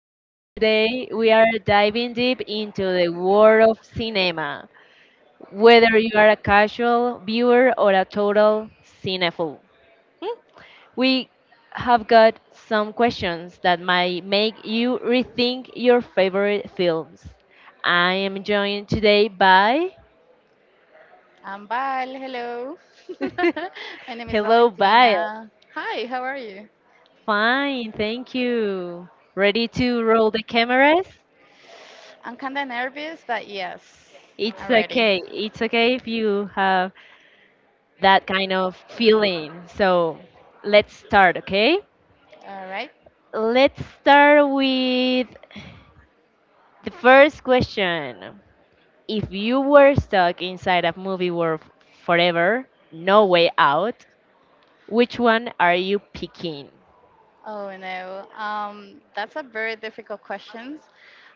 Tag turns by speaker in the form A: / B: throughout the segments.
A: show. Today we are diving deep into the world of cinema, whether you are a casual viewer or a total cinephile. hmm, We have got some questions that might make you rethink your favorite films. I am joined today by
B: I'm Val. Hello. My name is
A: Hello, Bile.
B: Valentina. Hi, how are you?
A: Fine, thank you. Ready to roll the cameras?
B: I'm kind of nervous, but yes, I'm
A: It's
B: ready.
A: okay. It's okay if you have that kind of feeling. So let's start, okay?
B: All right.
A: Let's start with the first question. If you were stuck inside a movie world forever, no way out, which one are you picking?
B: Oh no, that's a very difficult question.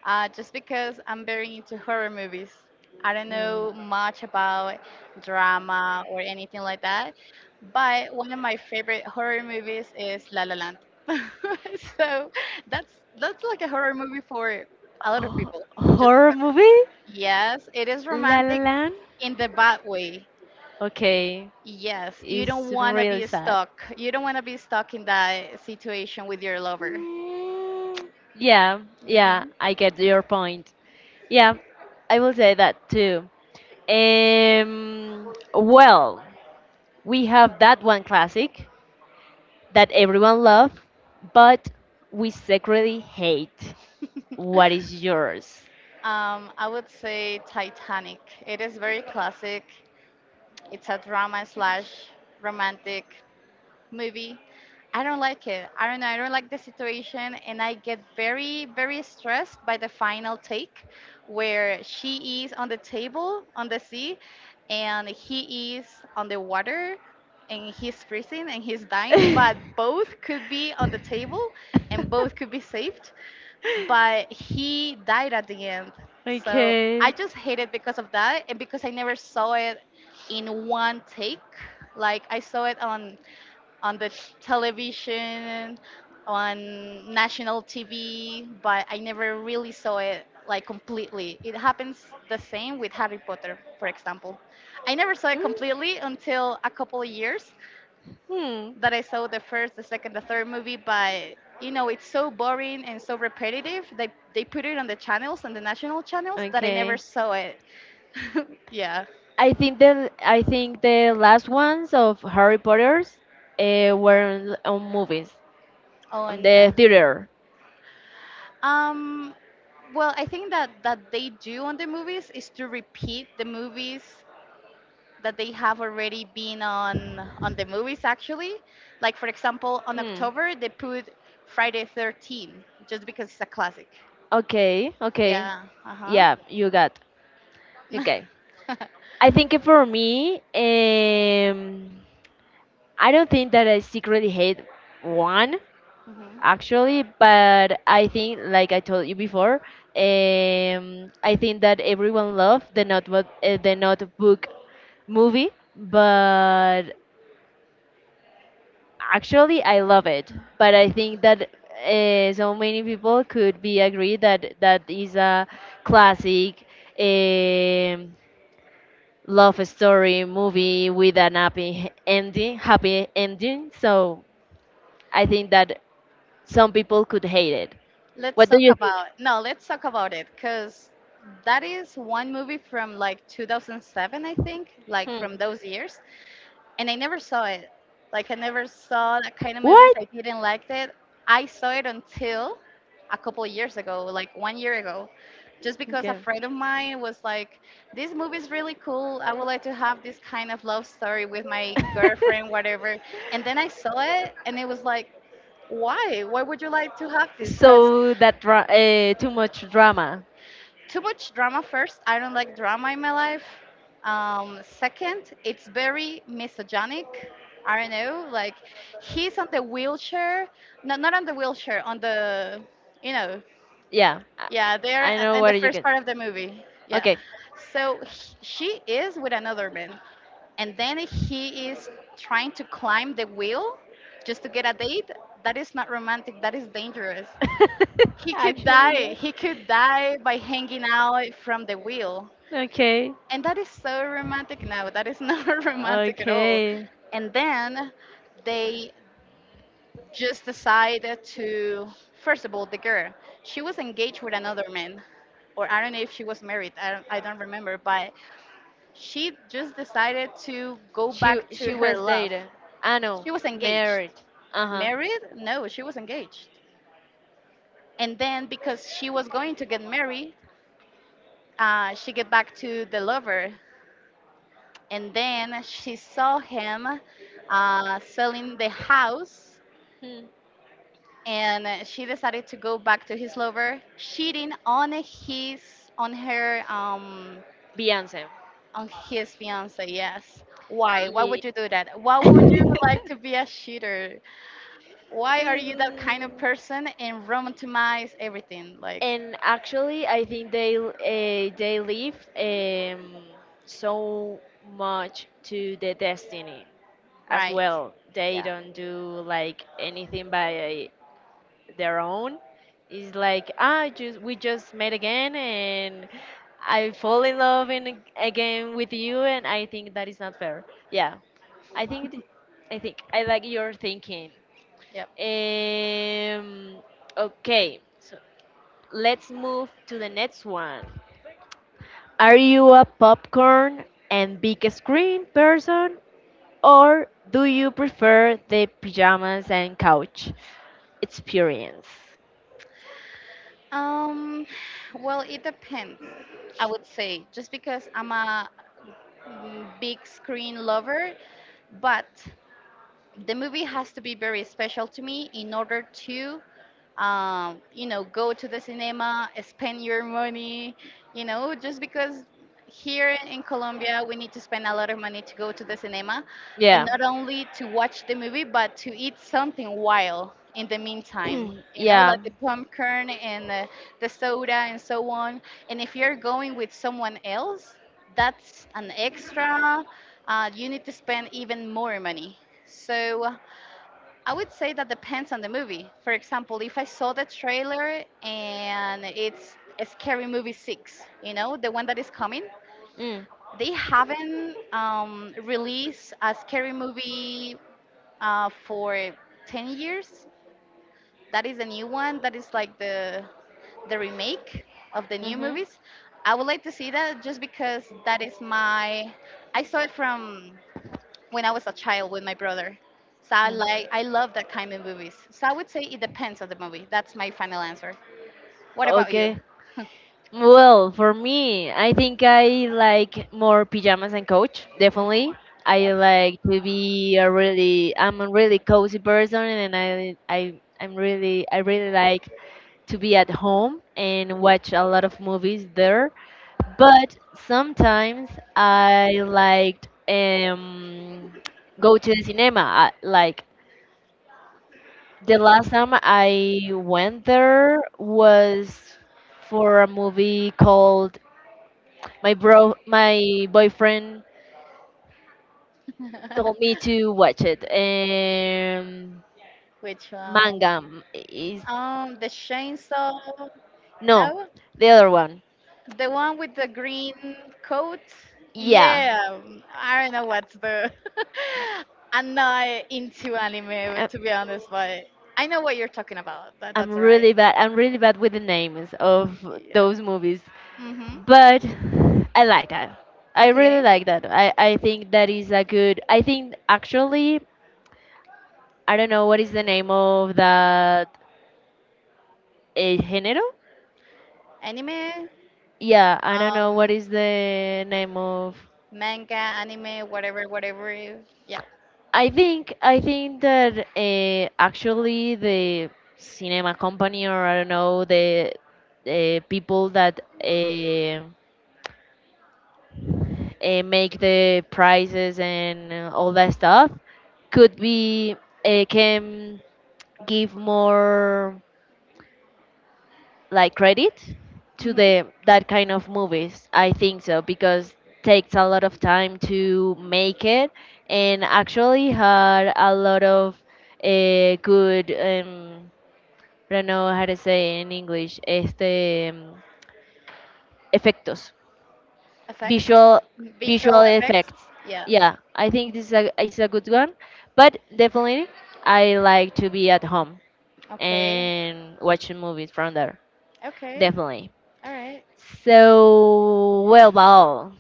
B: Just because I'm very into horror movies, I don't
A: Mm.
B: know much about drama or anything like that. But one of my favorite horror movies is La La Land. So that's like a horror movie for a lot of
A: Oh,
B: people.
A: horror movie?
B: Yes, it is
A: La La
B: romantic
A: Land?
B: in the bad way.
A: Okay,
B: Yes, you
A: it's
B: don't want to
A: really
B: be
A: sad.
B: stuck. You don't want to be stuck in that situation with your lover.
A: Mm, yeah, yeah, I get your point. Yeah, I will say that too. Well, we have that one classic that everyone loves, but we secretly hate. What is yours?
B: I would say Titanic. It is very classic. It's a drama slash romantic movie. I don't like it. I don't know. I don't like the situation, and I get very, very stressed by the final take where she is on the table on the sea and he is on the water and he's freezing and he's dying, but both could be on the table and both could be saved, but he died at the end. So I
A: Okay.
B: just hate it because of that and because I never saw it in one take. Like I saw it on the television, on national TV, but I never really saw it like completely. It happens the same with Harry Potter, for example. I never saw it
A: Ooh.
B: completely until a couple of years
A: Hmm.
B: that I saw the first, the second, the third movie, but you know, it's so boring and so repetitive. They put it on the channels, on the national channels, that I never saw it. Yeah.
A: I think the last ones of Harry Potter's were on movies, on
B: On
A: the theater.
B: Um, well, I think that that they do on the movies is to repeat the movies that they have already been on the movies actually. Like for example, on
A: Hmm.
B: October they put Friday 13 just because it's a classic.
A: Okay. Okay.
B: Yeah. Uh-huh.
A: Yeah, you got. Okay. I think for me, I don't think that I secretly hate one.
B: Mhm.
A: Actually, but I think, like I told you before, I think that everyone loved The Notebook, The Notebook movie, but actually I love it. But I think that so many people could be agree that that is a classic um love story movie with an happy ending, so I think that some people could hate it.
B: Let's
A: What do
B: talk
A: you think?
B: about no, let's talk about it because that is one movie from like 2007, I think, like from those years, and I never saw it. Like I never saw that kind of movies.
A: What?
B: I didn't like it. I saw it until a couple years ago, like 1 year ago, just because a friend of mine was like, "This movie is really cool. I would like to have this kind of love story with my girlfriend, whatever." And then I saw it, and it was like, "Why? Why would you like to have this? Because
A: So that too much drama.
B: too much drama. First, I don't like drama in my life. Second, it's very misogynic. I don't know, like, he's on the wheelchair. No, not on the wheelchair, on the, you know,
A: Yeah,
B: yeah, there.
A: I know
B: In the
A: what you
B: first
A: can.
B: part of the movie, yeah.
A: Okay.
B: So h she is with another man, and then he is trying to climb the wheel just to get a date. That is not romantic. That is dangerous. He could die.
A: Actually,
B: He could die by hanging out from the wheel.
A: yeah. Okay.
B: And that is so romantic. No, that is not romantic at all.
A: Okay.
B: And then they just decided to, first of all, the girl, she was engaged with another man. Or I don't know if she was married, I don't remember, but she just decided to go
A: She
B: back to
A: she
B: her
A: was
B: love.
A: dated. I know.
B: She was engaged.
A: Married. Uh
B: Married? No, she was engaged. And then because she was going to get married, she get back to the lover and then she saw him selling the house,
A: huh.
B: and she decided to go back to his lover, cheating on his on her
A: Beyonce.
B: on his fiance. Yes, why
A: Ye-
B: would you do that? Why would you like to be a cheater? Why are you that kind of
A: Mm,
B: person and romanticize everything, like,
A: and actually, I think they leave so much to the destiny as
B: right,
A: well. They
B: yeah.
A: don't do like anything by their own. It's like just we just met again, and I fall in love in, again with you, and I think that is not fair. Yeah, I think th- I think I like your thinking.
B: Yep.
A: Um, okay, so let's move to the next one. Are you a popcorn and big screen person, or do you prefer the pajamas and couch experience?
B: Um, well, it depends, I would say, just because I'm a big screen lover, but the movie has to be very special to me in order to, you know, go to the cinema, spend your money, you know, just because here in Colombia we need to spend a lot of money to go to the cinema, and
A: Yeah,
B: not only to watch the movie but to eat something while in the meantime, you know,
A: yeah,
B: like the popcorn and the soda and so on. And if you're going with someone else, that's an extra. You need to spend even more money. So I would say that depends on the movie. For example, if I saw the trailer and it's a Scary Movie 6, you know, the one that is coming,
A: Mm.
B: they haven't released a Scary Movie for 10 years. That is the new one. That is like the remake of the new
A: Mm-hmm.
B: movies. I would like to see that just because that is my I saw it from when I was a child with my brother. So I
A: Mm.
B: like I love that kind of movies. So I would say it depends on the movie. That's my final answer. What about you?
A: Okay. Well, for me, I think I like more pajamas and couch. Definitely,
B: Mhm.
A: I
B: Yep.
A: like to be a really I'm a really cozy person, and I really like to be at home and watch a lot of movies there. But sometimes I liked go to the cinema. I, like the last time I went there was for a movie called my boyfriend told me to watch it.
B: Which one?
A: Is
B: The chainsaw.
A: no
B: No?
A: the other one.
B: The one with the green coat?
A: Yeah,
B: Yeah, I don't know what's the. I'm not into anime,
A: I-
B: but to be honest, but I know what you're talking about. That,
A: i'm
B: that's right.
A: really bad i'm really bad with the names of
B: Yeah.
A: those movies,
B: Mm-hmm.
A: but I like that. i really
B: Okay.
A: like that i i think that is a good. I think actually I don't know what is the name of that, género.
B: Anime,
A: Yeah, I don't know what
B: um,
A: is the name of.
B: manga, anime, whatever, whatever. Yeah.
A: I think that actually the cinema company, or I don't know, the people that make the prices and all that stuff could be can give more like credit to
B: Mm-hmm.
A: the that kind of movies. I think so, because takes a lot of time to make it, and actually had a lot of good. I don't know how to say in English, este, efectos,
B: Effects,
A: visual, visual
B: visual effects.
A: effects.
B: Yeah.
A: Yeah, I think this is a good one, but definitely I like to be at home
B: Okay.
A: and watch movies from there.
B: Okay.
A: Definitely.
B: All right.
A: So, well,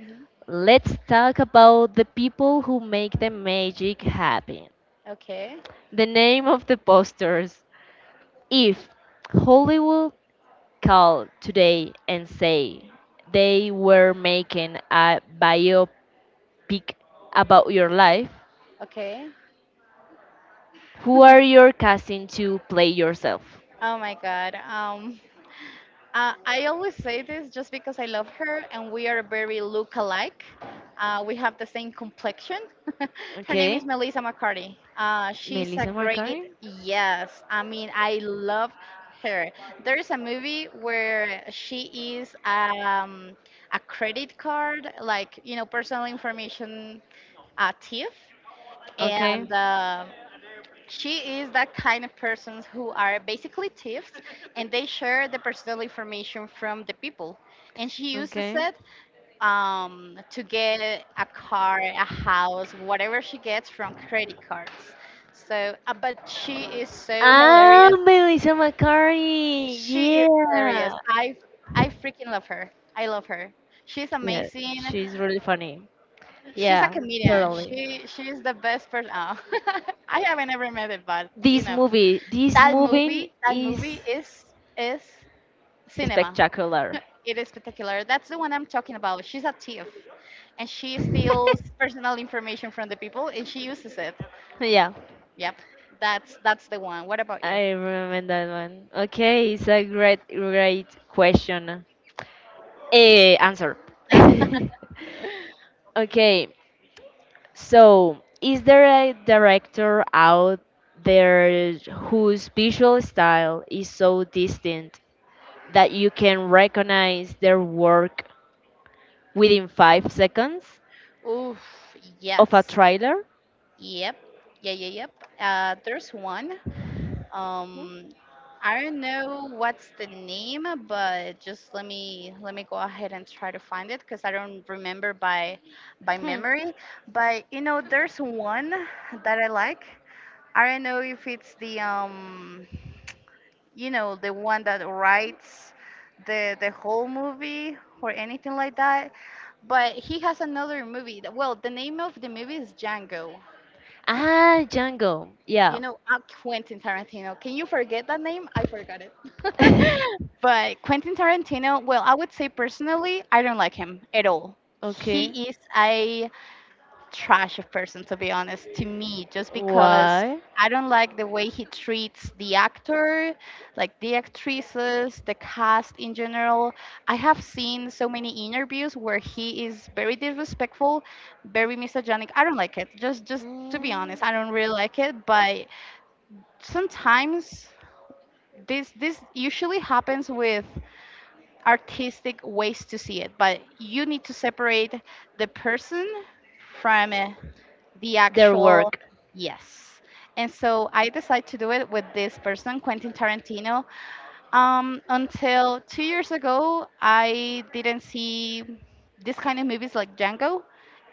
B: Mm-hmm.
A: let's talk about the people who make the magic happen.
B: Okay.
A: The name of the posters. If Hollywood call today and say they were making a biopic about your life,
B: Okay.
A: who are you casting to play yourself?
B: Oh my God. I always say this just because I love her and we are very look alike. We have the same complexion. Her name
A: Okay,
B: is Melissa McCarty. She's a
A: Melissa McCarthy.
B: great, yes. I mean, I love her. There is a movie where she is a credit card, like, you know, personal information thief.
A: Okay,
B: And She is that kind of persons who are basically thieves, and they share the personal information from the people. And she uses
A: okay.
B: it to get a car, a house, whatever she gets from credit cards. So, but she is so
A: Ah,
B: hilarious.
A: Melissa McCarthy.
B: She is
A: Yeah.
B: hilarious. I freaking love her. I love her. She's
A: Yeah,
B: amazing.
A: she's really funny.
B: She's a
A: Yeah,
B: comedian.
A: totally.
B: She's the best person. Oh. I haven't ever met it, but you
A: This
B: know.
A: movie, this movie
B: That
A: is
B: movie is cinema.
A: spectacular.
B: It is spectacular. That's the one I'm talking about. She's a thief, and she steals personal information from the people, and she uses it.
A: Yeah.
B: Yep, that's the one. What about you?
A: I remember that one. Okay, it's a great, great question. Eh, answer. Okay, so is there a director out there whose visual style is so distinct that you can recognize their work within 5 seconds
B: Oof,
A: of a
B: yes.
A: trailer?
B: Yep. Yeah, yeah, yep. There's one.
A: Hmm.
B: Um, I don't know what's the name, but just let me go ahead and try to find it because I don't remember by
A: Hmm.
B: memory. But you know, there's one that I like. I don't know if it's the you know, the one that writes the whole movie or anything like that. But he has another movie. Well, the name of the movie is Django.
A: Ah, Django.
B: You
A: Yeah.
B: know, Quentin Tarantino. Can you forget that name? I forgot it. But Quentin Tarantino, well, I would say personally, I don't like him at all.
A: Okay.
B: He is a trash of person, to be honest, to me, just because
A: Why?
B: I don't like the way he treats the actor, like the actresses, the cast in general. I have seen so many interviews where he is very disrespectful, very misogynic. I don't like it. Just to be
A: Mm,
B: honest, I don't really like it. But sometimes this usually happens with artistic ways to see it, but you need to separate the person from the
A: their
B: actual
A: work.
B: yes. And so I decided to do it with this person, Quentin Tarantino, until 2 years ago, I didn't see this kind of movies like Django,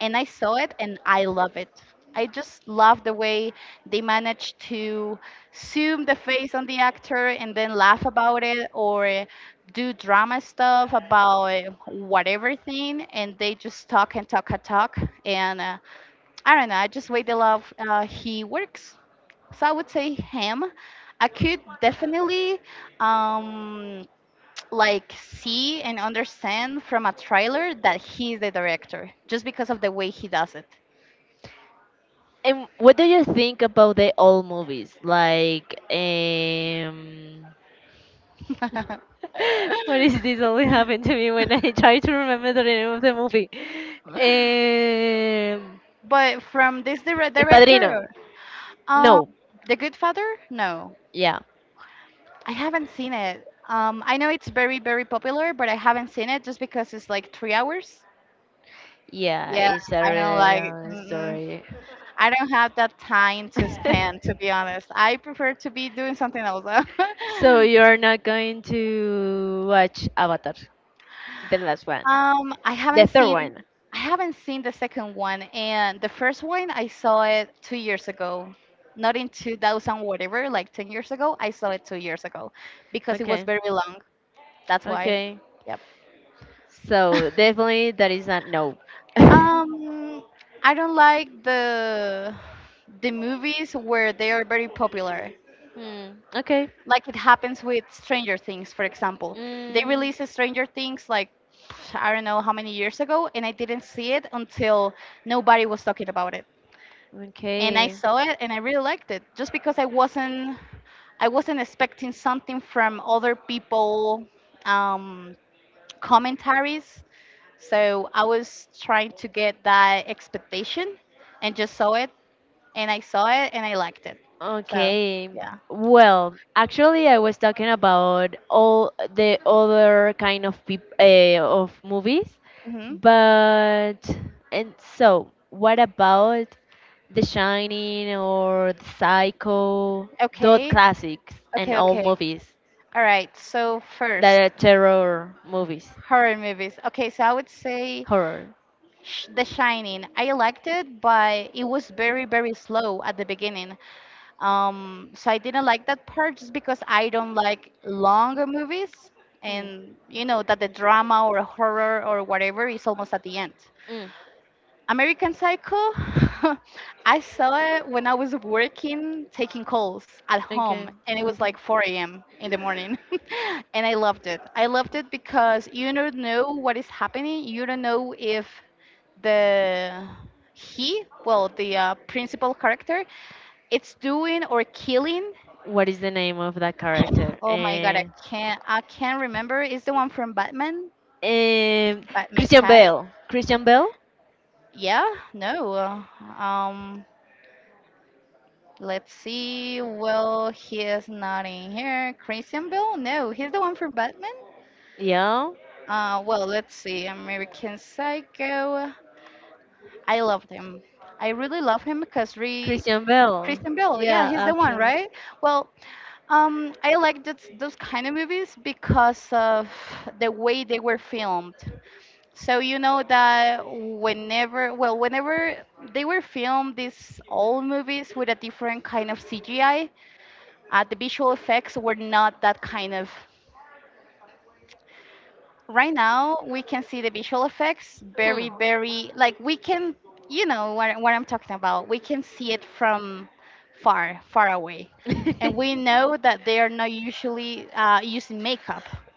B: and I saw it and I love it. I just love the way they manage to zoom the face on the actor and then laugh about it or do drama stuff about whatever thing, and they just talk and talk and talk. And I don't know, I just way they love he works. So I would say him. I could definitely um, like see and understand from a trailer that he's the director just because of the way he does it.
A: And what do you think about the old movies? Like, what is this only happened to me when I try to remember the name of the movie? Um,
B: But from this
A: El Padrino.
B: director, um,
A: No.
B: The Good Father? No,
A: Yeah.
B: I haven't seen it. I know it's very very popular, but I haven't seen it just because it's like 3 hours.
A: Yeah,
B: Yeah,
A: it's a
B: I know.
A: really
B: Like,
A: long
B: mm,
A: story.
B: I don't have that time to spend, to be honest. I prefer to be doing something else.
A: So you're not going to watch Avatar, the last one,
B: Um,
A: the third one.
B: I haven't seen the second one, and the first one I saw it 2 years ago, not in 2000 whatever, like 10 years ago. I saw it 2 years ago, because it was
A: Okay,
B: very long. That's why.
A: okay.
B: Yep.
A: So definitely that is not no.
B: Um, I don't like the movies where they are very popular.
A: Hmm, okay.
B: Like it happens with Stranger Things, for example. They
A: Mm,
B: released Stranger Things like I don't know how many years ago, and I didn't see it until nobody was talking about it. And I
A: okay.
B: saw it, and I really liked it, just because I wasn't expecting something from other people um, commentaries. So I was trying to get that expectation, and just saw it, and I saw it, and I liked it. So
A: Okay.
B: yeah.
A: Well, actually, I was talking about all the other kind of peop of movies,
B: Hmm.
A: but and so what about The Shining or The Psycho, those
B: Okay.
A: classics and
B: Okay.
A: all
B: Okay.
A: movies
B: All right, so
A: that
B: first,
A: are terror movies,
B: horror movies. Okay, so I would say
A: horror.
B: The Shining. I liked it, but it was very, very slow at the beginning. So I didn't like that part just because I don't like longer movies,
A: Mm.
B: and you know that the drama or horror or whatever is almost at the end.
A: Mm.
B: American Psycho, I saw it when I was working taking calls at
A: Okay,
B: home, and it was like
A: okay.
B: 4 a.m. in the morning. And I loved it. I loved it because you don't know what is happening. You don't know if the he, well, the principal character, it's doing or killing.
A: What is the name of that character?
B: Oh my god, I can't. I can't remember. Is the one from Batman?
A: Um,
B: Batman
A: Christian
B: cast?
A: Bale. Christian Bale?
B: Yeah, no. Um, Let's see. Well, he is not in here. Christian Bale? No, he's the one for Batman.
A: Yeah.
B: Well, let's see. American Psycho. I loved him. I really love him because re
A: Christian Bale.
B: Christian Bale. Yeah,
A: Yeah,
B: he's the one,
A: actually.
B: right? Well, I like that, those kind of movies because of the way they were filmed. So you know that whenever, well, whenever they were filmed, these old movies with a different kind of CGI. The visual effects were not that kind of. Right now, we can see the visual effects
A: Hmm.
B: very, very, like we can, you know, what I'm talking about. We can see it from far, far away, and we know that they are not usually using makeup.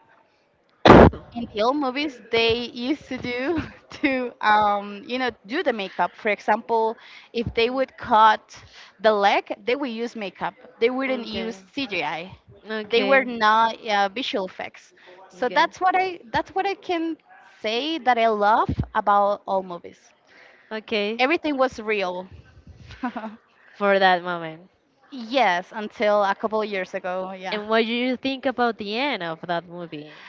B: In the old movies they used to do to you know, do the makeup, for example if they
A: Mm.
B: would cut the leg, they would use makeup. They wouldn't
A: Okay.
B: use cgi. They were
A: Okay.
B: not visual effects. So
A: Okay.
B: that's what I can say that I love about all movies.
A: Okay.
B: Everything was real.
A: For that moment.
B: Yes, until a couple years ago. Yeah.
A: And what do you think about the end of that movie?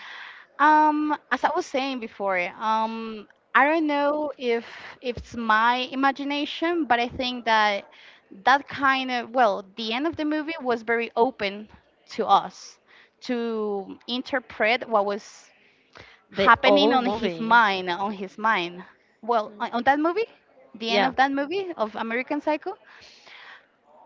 B: As I was saying before, I don't know if it's my imagination, but I think that that kind of, well, the end of the movie was very open to us to interpret what was
A: The
B: happening
A: old movie.
B: on his mind. Well, on that movie, the end
A: Yeah.
B: of that movie of American Psycho,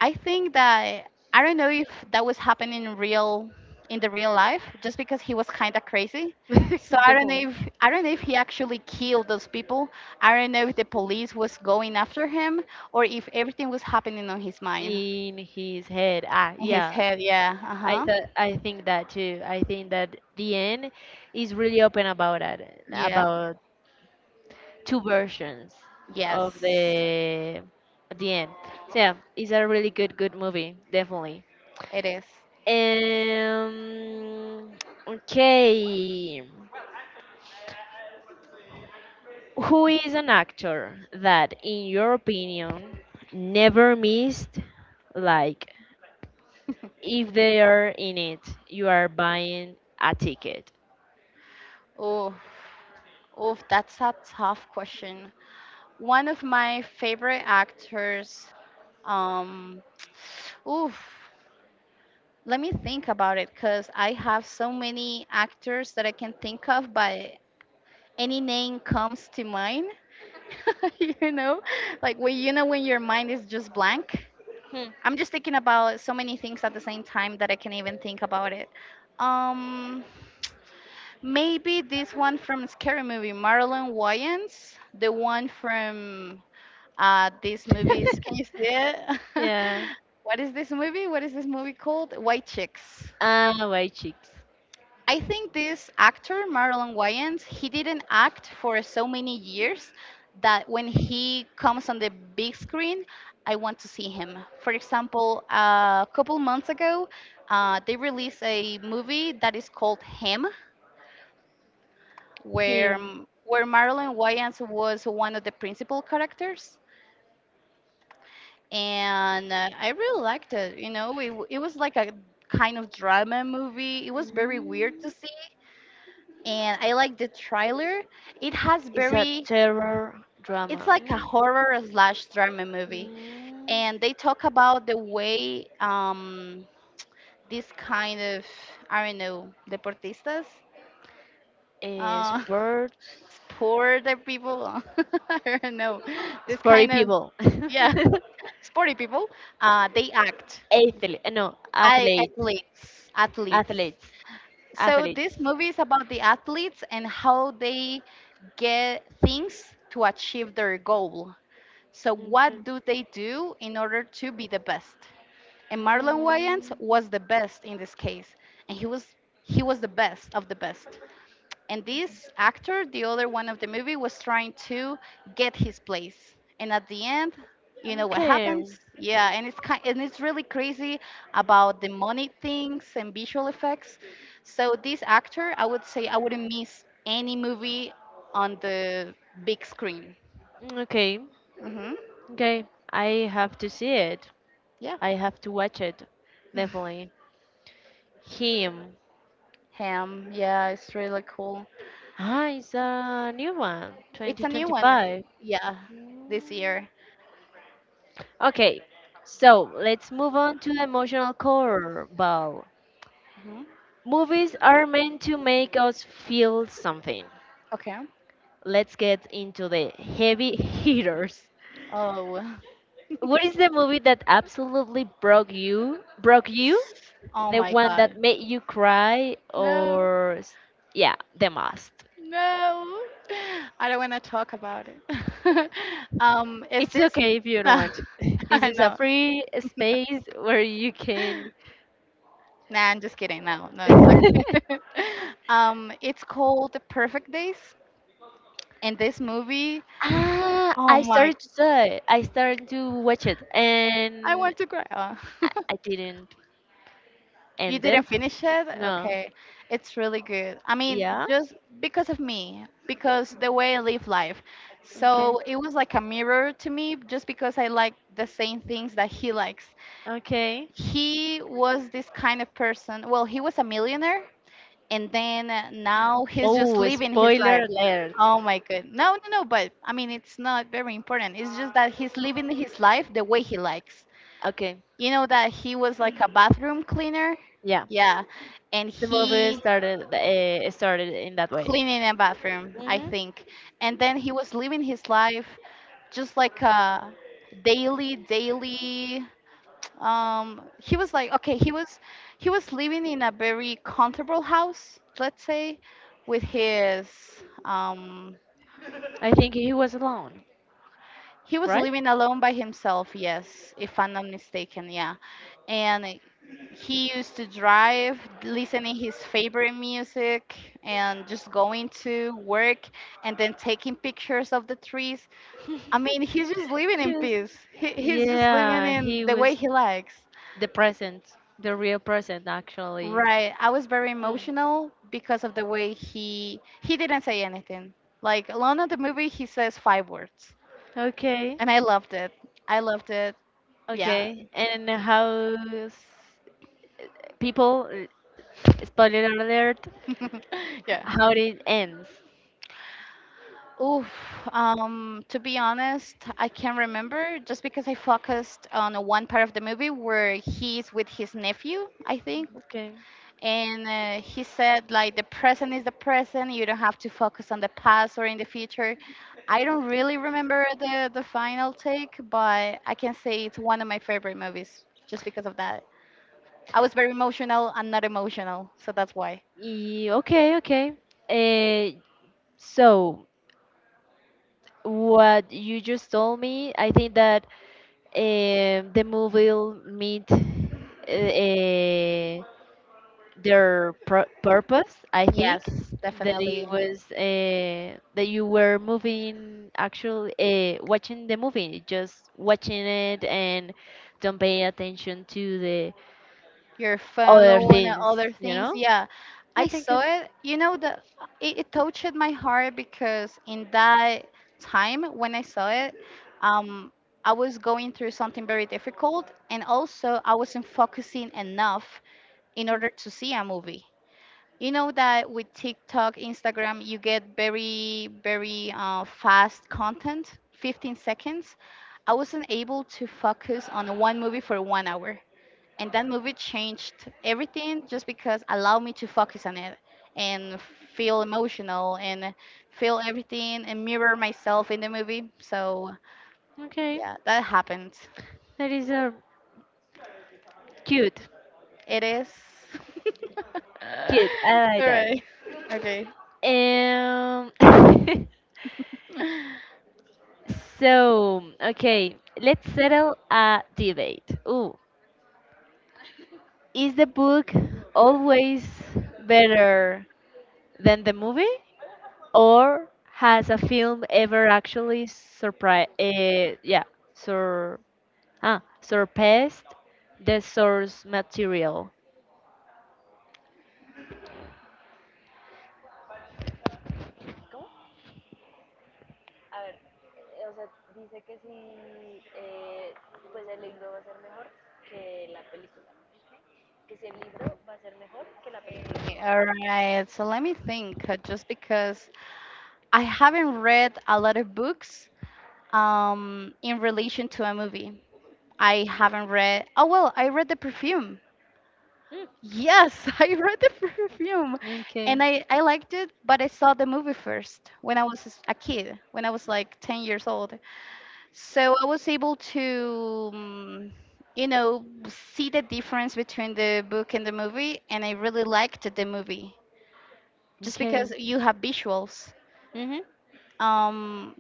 B: I think that I don't know if that was happening in the real life, just because he was kind of crazy. So I don't
A: Definitely.
B: know if I don't know if he actually killed those people. I don't know if the police was going after him or if everything was happening on his mind,
A: In his head. Ah,
B: in his
A: yeah.
B: head. Yeah. Uh huh.
A: I think that too. I think that the end is really open about it,
B: Yep.
A: about two versions of
B: Yes.
A: the end. So yeah, it's a really good movie, definitely.
B: It is.
A: Um, okay, who is an actor that, in your opinion, never missed? Like, if they are in it, you are buying a ticket.
B: Oh, oh, that's a tough question. One of my favorite actors. Um. Oof. Let me think about it because I have so many actors that I can think of, but any name comes to mind. You know, like when you know when your mind is just blank.
A: Hmm.
B: I'm just thinking about so many things at the same time that I can't even think about it. Um, Maybe this one from Scary Movie, Marlon Wayans, the one from these movies. Can you see it?
A: Yeah.
B: What is this movie? What is this movie called? White Chicks.
A: Ah, white chicks.
B: I think this actor, Marlon Wayans, he didn't act for so many years that when he comes on the big screen, I want to see him. For example, a couple months ago, they released a movie that is called Him, where
A: Him.
B: Marlon Wayans was one of the principal characters, and I really liked it. You know, it was like a kind of drama movie. It was very
A: Mm.
B: weird to see, and I like the trailer. It has
A: It's a
B: very,
A: terror
B: it's
A: drama.
B: like a horror slash drama movie,
A: Mm.
B: and they talk about the way this kind of, I don't know, deportistas,
A: Mm.
B: uh,
A: Sports.
B: sport people, I don't know, this
A: Sporty
B: kind of,
A: people.
B: yeah, sporty people, they act.
A: Athlete. No,
B: I
A: athletes.
B: athletes, athletes.
A: Athletes.
B: So
A: Athletes.
B: this movie is about the athletes and how they get things to achieve their goal. So, what
A: Mm-hmm.
B: do they do in order to be the best? And Marlon Wayans
A: Mm,
B: was the best in this case, and he was the best of the best. And this actor, the other one of the movie, was trying to get his place. And at the end, you know what
A: okay.
B: happens? Yeah, and it's kind and it's really crazy about the money things and visual effects. So this actor, I would say, I wouldn't miss any movie on the big screen.
A: Mm, okay.
B: Hmm.
A: Okay. I have to see it.
B: Yeah.
A: I have to watch it. Definitely. Him.
B: Ham, yeah, it's really cool.
A: Ah, it's a new one.
B: It's a new one, eh,
A: 2025.
B: yeah, this
A: Mm,
B: year.
A: okay. So let's move on to emotional core ball.
B: Hmm.
A: Movies are meant to make us feel something.
B: Okay.
A: Let's get into the heavy hitters.
B: Oh,
A: What is the movie that absolutely broke you?
B: oh
A: The
B: my
A: one
B: God.
A: that made you cry
B: No,
A: or yeah, the most.
B: no. I don't want to talk about it. Is
A: It's
B: this?
A: okay if you don't
B: No,
A: want to. This is a
B: no.
A: free space where you can
B: Nah, I'm just kidding. No, no, it's okay. It's called The Perfect Days, and this movie.
A: Ah,
B: Oh
A: I
B: my,
A: started to do it. I started to watch it,
B: I
A: and
B: want to cry.
A: I didn't
B: You
A: end
B: didn't
A: it.
B: finish it?
A: No.
B: Okay. It's really good. I mean,
A: Yeah.
B: just because of me, because the way I live life.
A: Okay.
B: So it was like a mirror to me just because I like the same things that he likes.
A: Okay.
B: He was this kind of person. Well, he was a millionaire, and then now he's just
A: Oh,
B: living his
A: spoiler
B: life.
A: alert.
B: Oh my good. No, no, no, but I mean, it's not very important. It's just that he's living his life the way he likes.
A: Okay.
B: You know that he was like a bathroom cleaner,
A: Yeah.
B: yeah, and
A: The movie
B: he
A: started in that way.
B: cleaning a bathroom, I
A: Mhm.
B: think. And then he was living his life just like a daily, daily. He was like, okay, he was living in a very comfortable house, let's say, with his um.
A: I think he was alone,
B: He was
A: right?
B: living alone by himself, yes, if I'm not mistaken, yeah. And he used to drive listening his favorite music and just going to work and then taking pictures of the trees. I mean, he's just living in
A: Just
B: peace. He's just living
A: yeah,
B: in
A: he
B: the way
A: was
B: he likes.
A: the present, the real present actually.
B: Right, I was very
A: Mm.
B: emotional because of the way he didn't say anything like alone in the movie. He says 5 words,
A: Okay,
B: and I loved it. I loved it. Yeah.
A: okay. And how people spoiler alert?
B: Yeah.
A: How did it ends?
B: Oof. To be honest, I can't remember just because I focused on one part of the movie where he's with his nephew, I think,
A: Okay.
B: and he said like the present is the present. You don't have to focus on the past or in the future. I don't really remember the final take, but I can say it's one of my favorite movies just because of that. I was very emotional and not emotional, so that's why.
A: Ye- Okay, okay. Uh, so what you just told me, I think that the movie will meet purpose. I think
B: Yes,
A: that it
B: definitely.
A: was that you were moving, actually watching the movie, just watching it, and don't pay attention to the
B: Your
A: other
B: phone and
A: things.
B: other
A: You
B: things.
A: know,
B: Yeah,
A: I
B: I
A: think it,
B: saw it. You know that it touched my heart because in that time when I saw it, um, I was going through something very difficult, and also I wasn't focusing enough in order to see a movie. You know that with TikTok, Instagram, you get very, very fast content, 15 seconds. I wasn't able to focus on one movie for one hour, and that movie changed everything just because allowed me to focus on it and feel emotional and feel everything and mirror myself in the movie. So
A: okay,
B: yeah, that happened.
A: that is a cute,
B: It is.
A: cute. I
B: All
A: like that.
B: right. Okay.
A: Um, So, okay, let's settle a debate. Ooh, is the book always better than the movie, or has a film ever actually surprised? Yeah, sur surpassed the source material. ¿Cómo? Eh, si eh, pues si
B: All right, so let me think just because I haven't read a lot of books in relation to a movie. I haven't read Oh well, I read the perfume. Yes, I read the perfume,
A: Okay.
B: and I liked it, but I saw the movie first when I was a kid, when I was like 10 years old. So I was able to, you know, see the difference between the book and the movie, and I really liked the movie just
A: Okay.
B: because you have visuals.
A: Mhm.
B: Um,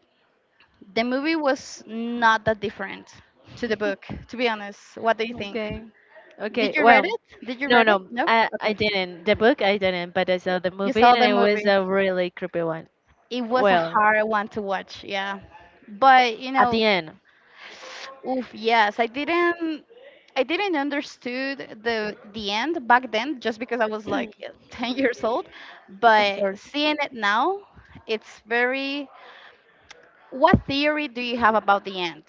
B: the movie was not that different to the book, to be honest. What do you think?
A: Okay.
B: Did
A: Okay.
B: you read
A: Well,
B: it? Did you
A: no,
B: read it?
A: no,
B: No?
A: I
B: Okay.
A: didn't. The book I didn't, but I saw the
B: You
A: movie,
B: saw
A: and
B: the
A: it was
B: movie.
A: a really creepy one.
B: It was a
A: Well,
B: hard one to watch, yeah. But you
A: at
B: know,
A: the end,
B: oof, yes, I didn't understood the end back then just because I was like 10 years old,
A: of
B: but
A: course.
B: seeing it now, it's very what theory do you have about the end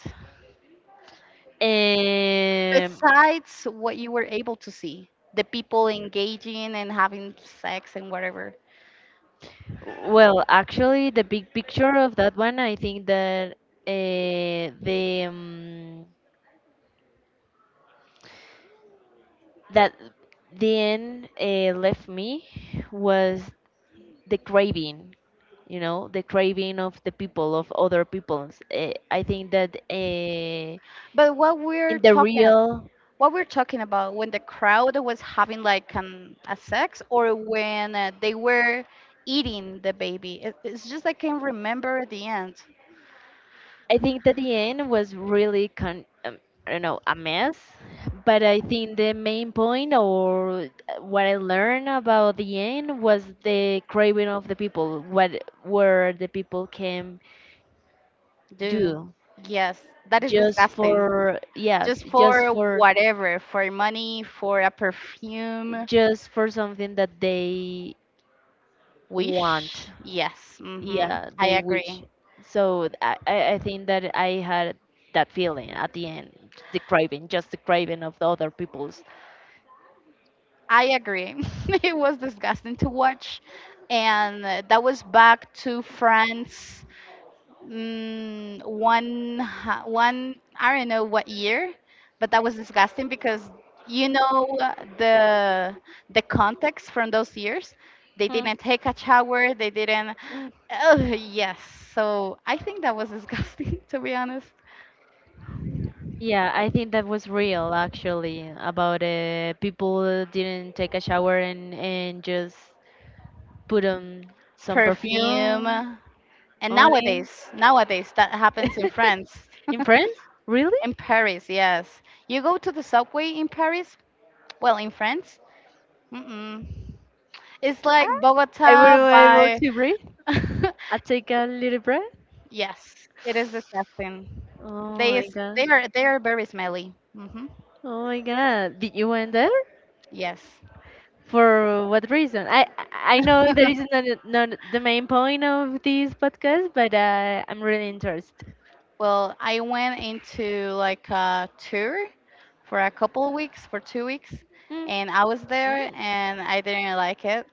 A: Um.
B: besides what you were able to see? The people engaging and having sex and whatever.
A: Well, actually, the big picture of that one, I think that the that the end left me was the craving, you know, the craving of the people of other peoples. I think that
B: But what we're
A: in the
B: talking
A: real
B: What we're talking about when the crowd was having like a sex or when they were eating the baby. It's just I can't remember the end.
A: I think that the end was really con I don't know, a mess, but I think the main point, or what I learned about the end, was the craving of the people, what where the people can
B: Do,
A: do
B: yes, that is
A: just
B: disgusting.
A: for yes
B: Just for whatever, for money, for a perfume
A: just for something that they
B: wish.
A: want
B: Yes. Hmm,
A: yeah
B: I
A: they wish.
B: agree.
A: So I I think that I had that feeling at the end, the craving, just the craving of the other people's.
B: I agree. It was disgusting to watch, and that was back to France. One I don't know what year, but that was disgusting because you know, the context from those years. They
A: Hmm.
B: didn't take a shower. They didn't.
A: Mm.
B: Oh yes. So I think that was disgusting to be honest.
A: Yeah, I think that was real, actually, about people didn't take a shower and just put on some
B: Perfume.
A: perfume
B: And
A: on it.
B: nowadays that happens in France,
A: In France, really.
B: in Paris. Yes, you go to the subway in Paris. Well, in France, mm-mm, it's like
A: Ah, I
B: Bogota
A: wouldn't be able
B: by
A: to breathe. I take a little breath.
B: yes, it is disgusting.
A: Oh
B: They is
A: my god.
B: they are they are very smelly. Hmm.
A: Oh my god, did you went there?
B: Yes.
A: For what reason? I know that is not, not the main point of this podcast, but I'm really interested.
B: Well, I went into like a tour for a couple of weeks, for 2 weeks,
A: Mm.
B: and I was there
A: Mm,
B: and I didn't like it.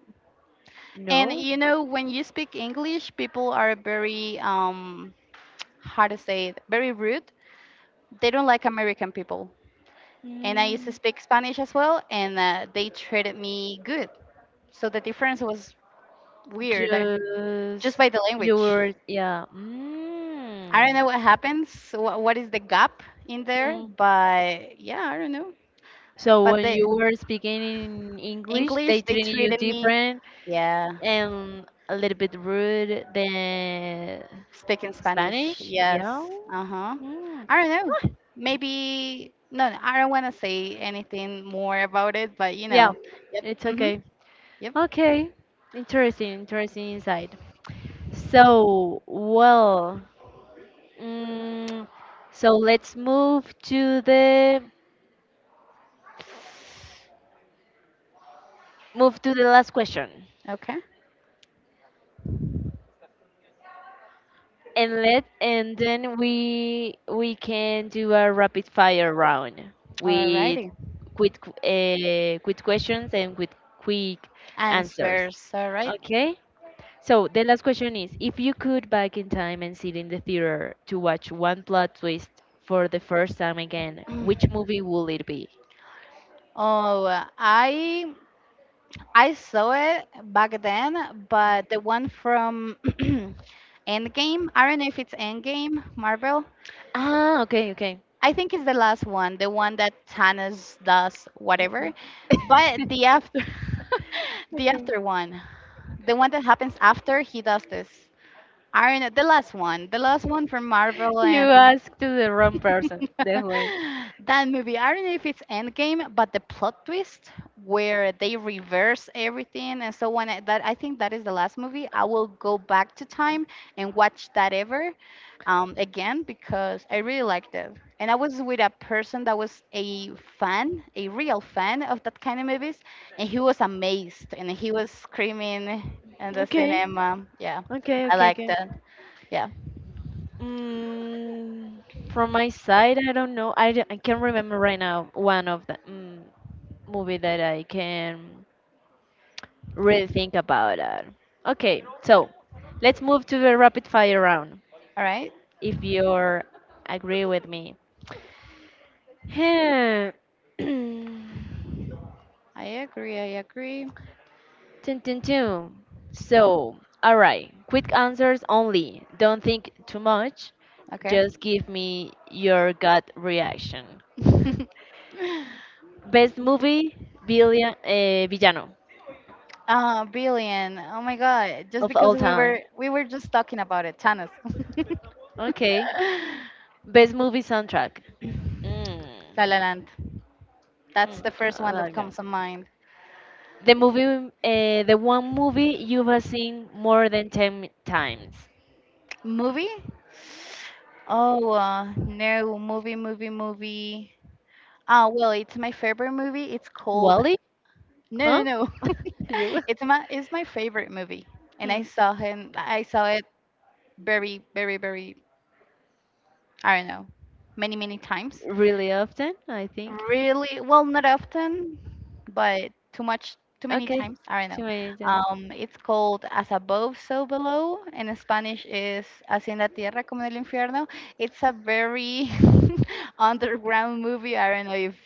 B: And
A: no,
B: you know, when you speak English, people are very how to say it, very rude. They don't like American people. And I used to
A: Mm.
B: speak Spanish as well, and they treated me good. So the difference was weird.
A: Just
B: Just by the
A: you
B: language.
A: were yeah.
B: I don't
A: Mm.
B: know what happens, what is the gap in there,
A: Mm.
B: but yeah, I don't know.
A: So
B: But
A: when
B: the
A: you were speaking in English,
B: English,
A: they
B: they
A: treated you
B: treated me,
A: different
B: yeah,
A: and a little bit rude than
B: speaking Spanish,
A: Spanish. Yeah.
B: yes, uh huh.
A: Mm.
B: I don't know.
A: Oh,
B: Maybe, no, no, I don't want to say anything more about it, but you
A: Yeah,
B: know, yep,
A: it's
B: mm-hmm,
A: okay.
B: yep,
A: Okay, interesting, interesting insight. So, well, mm, so let's move to the last question,
B: okay.
A: and let and then we can do a rapid fire round with
B: Alrighty.
A: quick quick questions and with quick answers.
B: Answers, alright.
A: Okay, so the last question is, if you could back in time and sit in the theater to watch one plot twist for the first time again, which movie will it be?
B: Oh, I I saw it back then, but the one from Endgame, I don't know if it's Endgame, Marvel.
A: Ah, okay, okay.
B: I think it's the last one, the one that Thanos does
A: Okay.
B: whatever. But the after the
A: Okay.
B: after one, the one that happens after he does this. I don't know, the last one from Marvel.
A: You
B: And
A: asked to the wrong person, definitely.
B: that movie, I don't know if it's Endgame, but the plot twist where they reverse everything, and so when I, that I think that is the last movie, I will go back to time and watch that ever again because I really liked it. And I was with a person that was a fan, a real fan of that kind of movies, and he was amazed and he was screaming in the
A: Okay,
B: cinema. Yeah,
A: okay,
B: I
A: okay, okay.
B: liked it. Yeah.
A: Mm, from my side, I don't know. I can't remember right now one of the movie that I can really think about it. Okay, so let's move to the rapid fire round.
B: All right.
A: If you agree with me. Hmm.
B: I agree. I agree.
A: Dun, dun, dun. So, all right, quick answers only. Don't think too much.
B: Okay.
A: Just give me your gut reaction. Best movie Villian, villano
B: Ah, billion. Oh my God. Just
A: of all
B: because we were
A: time.
B: we were just talking about it, Thanos.
A: Okay. Best movie soundtrack. Mm.
B: La La Land. That's
A: Hmm,
B: the first
A: I
B: one that
A: like that.
B: comes to mind.
A: The movie, the one movie you have seen more than 10 times.
B: Movie? Oh, no, movie. Ah, well, it's my favorite movie. It's called
A: Wally?
B: no,
A: Huh?
B: no, no.
A: You?
B: It's my favorite movie, and I
A: Hmm.
B: saw him. I saw it very, very, very. I don't know, many, many times.
A: Really often, I think.
B: Really, well, not often, but too much, too many
A: Okay.
B: times. I don't know.
A: Too many times.
B: It's called As Above, So Below. In Spanish is Así en la Tierra como en el Infierno. It's a very underground movie. I don't know if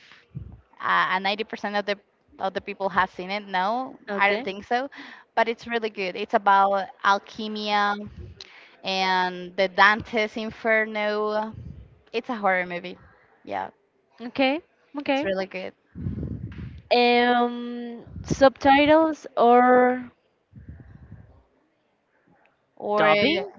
B: 90% of the people have seen it. No, I don't
A: Okay.
B: think so. But it's really good. It's about alchemia and the Dante's Inferno. It's a horror movie. Yeah,
A: Okay,
B: it's
A: okay.
B: really good.
A: Subtitles or
B: Or
A: dubbing?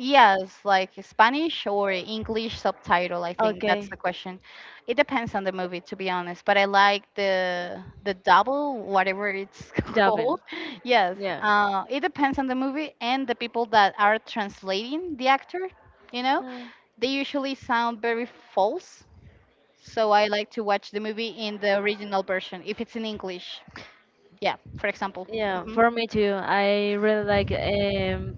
B: yes, like Spanish or English subtitle, I think that's
A: Okay,
B: the question. It depends on the movie, to be honest, but I like the double, whatever it's
A: dubbing.
B: called. Yes,
A: Yeah.
B: it depends on the movie and the people that are translating the actor, you know?
A: Hmm.
B: They usually sound very false, so I like to watch the movie in the original version if it's in English. Yeah, for example.
A: Yeah,
B: Hmm.
A: for me too. I really like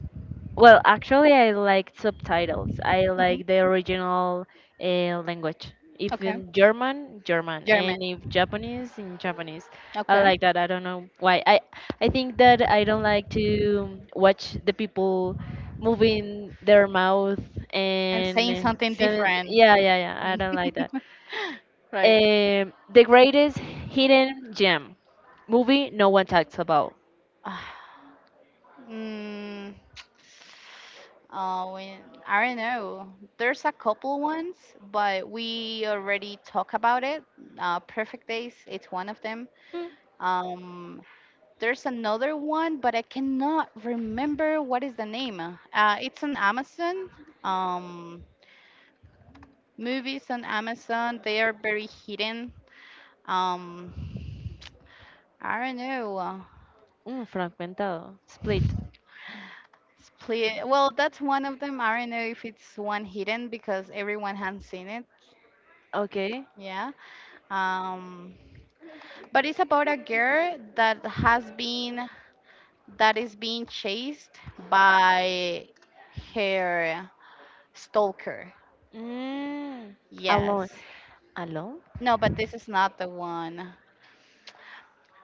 A: Well, actually, I like subtitles. I like the
B: Hmm.
A: original language. If
B: Okay.
A: in German, German,
B: German.
A: and if Japanese, in Japanese. I
B: Okay.
A: like that. I don't know why. I think that I don't like to watch the people moving their mouth
B: And saying
A: and
B: something
A: some,
B: different.
A: yeah, yeah, yeah. I don't like that.
B: Right.
A: The greatest hidden gem movie no one talks about.
B: Ah, mm, uh, we, I don't know. There's a couple ones, but we already talk about it. Perfect Days, it's one of them.
A: Mm,
B: Um, there's another one, but I cannot remember what is the name. It's on Amazon. Um, Movies on Amazon, they are very hidden. Um, I don't know.
A: fragmentado, split.
B: Split. Well, that's one of them. I don't know if it's one hidden because everyone has seen it.
A: Okay.
B: Yeah. Um, but it's about a girl that has been that is being chased by her stalker.
A: Mm, alone.
B: Yes.
A: Alone?
B: No, but this is not the one.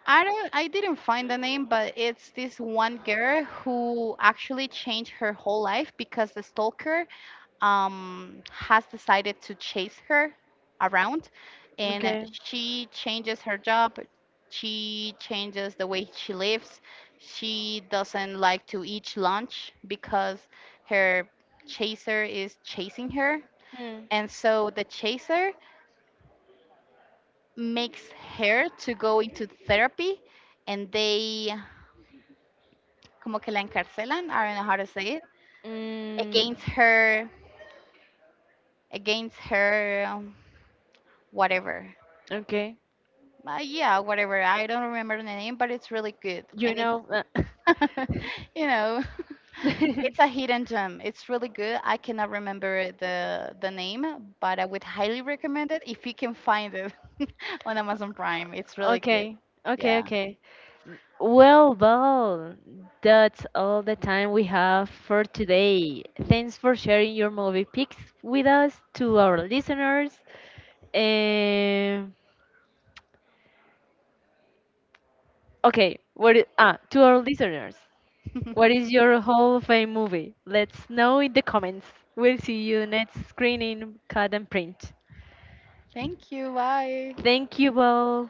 B: I didn't find the name, but it's this one girl who actually changed her whole life because the stalker has decided to chase her around and
A: Okay.
B: she changes her job, she changes the way she lives, she doesn't like to eat lunch because her chaser is chasing her,
A: Mm,
B: and so the chaser makes her to go into therapy, and they como que la encarcelan, I don't know how to say it,
A: mm,
B: against her, against her whatever.
A: okay.
B: Yeah, whatever. I don't remember the name, but it's really good.
A: You
B: And it's,
A: know.
B: you know, it's a hidden gem. It's really good. I cannot remember the name, but I would highly recommend it if you can find it on Amazon Prime. It's really good.
A: Okay, okay,
B: Yeah.
A: okay. Well, well, that's all the time we have for today. Thanks for sharing your movie picks with us to our listeners. Um, to our listeners. What is your Hall of Fame movie? Let's know in the comments. We'll see you next screening, cut and print.
B: Thank you. Bye.
A: Thank you all.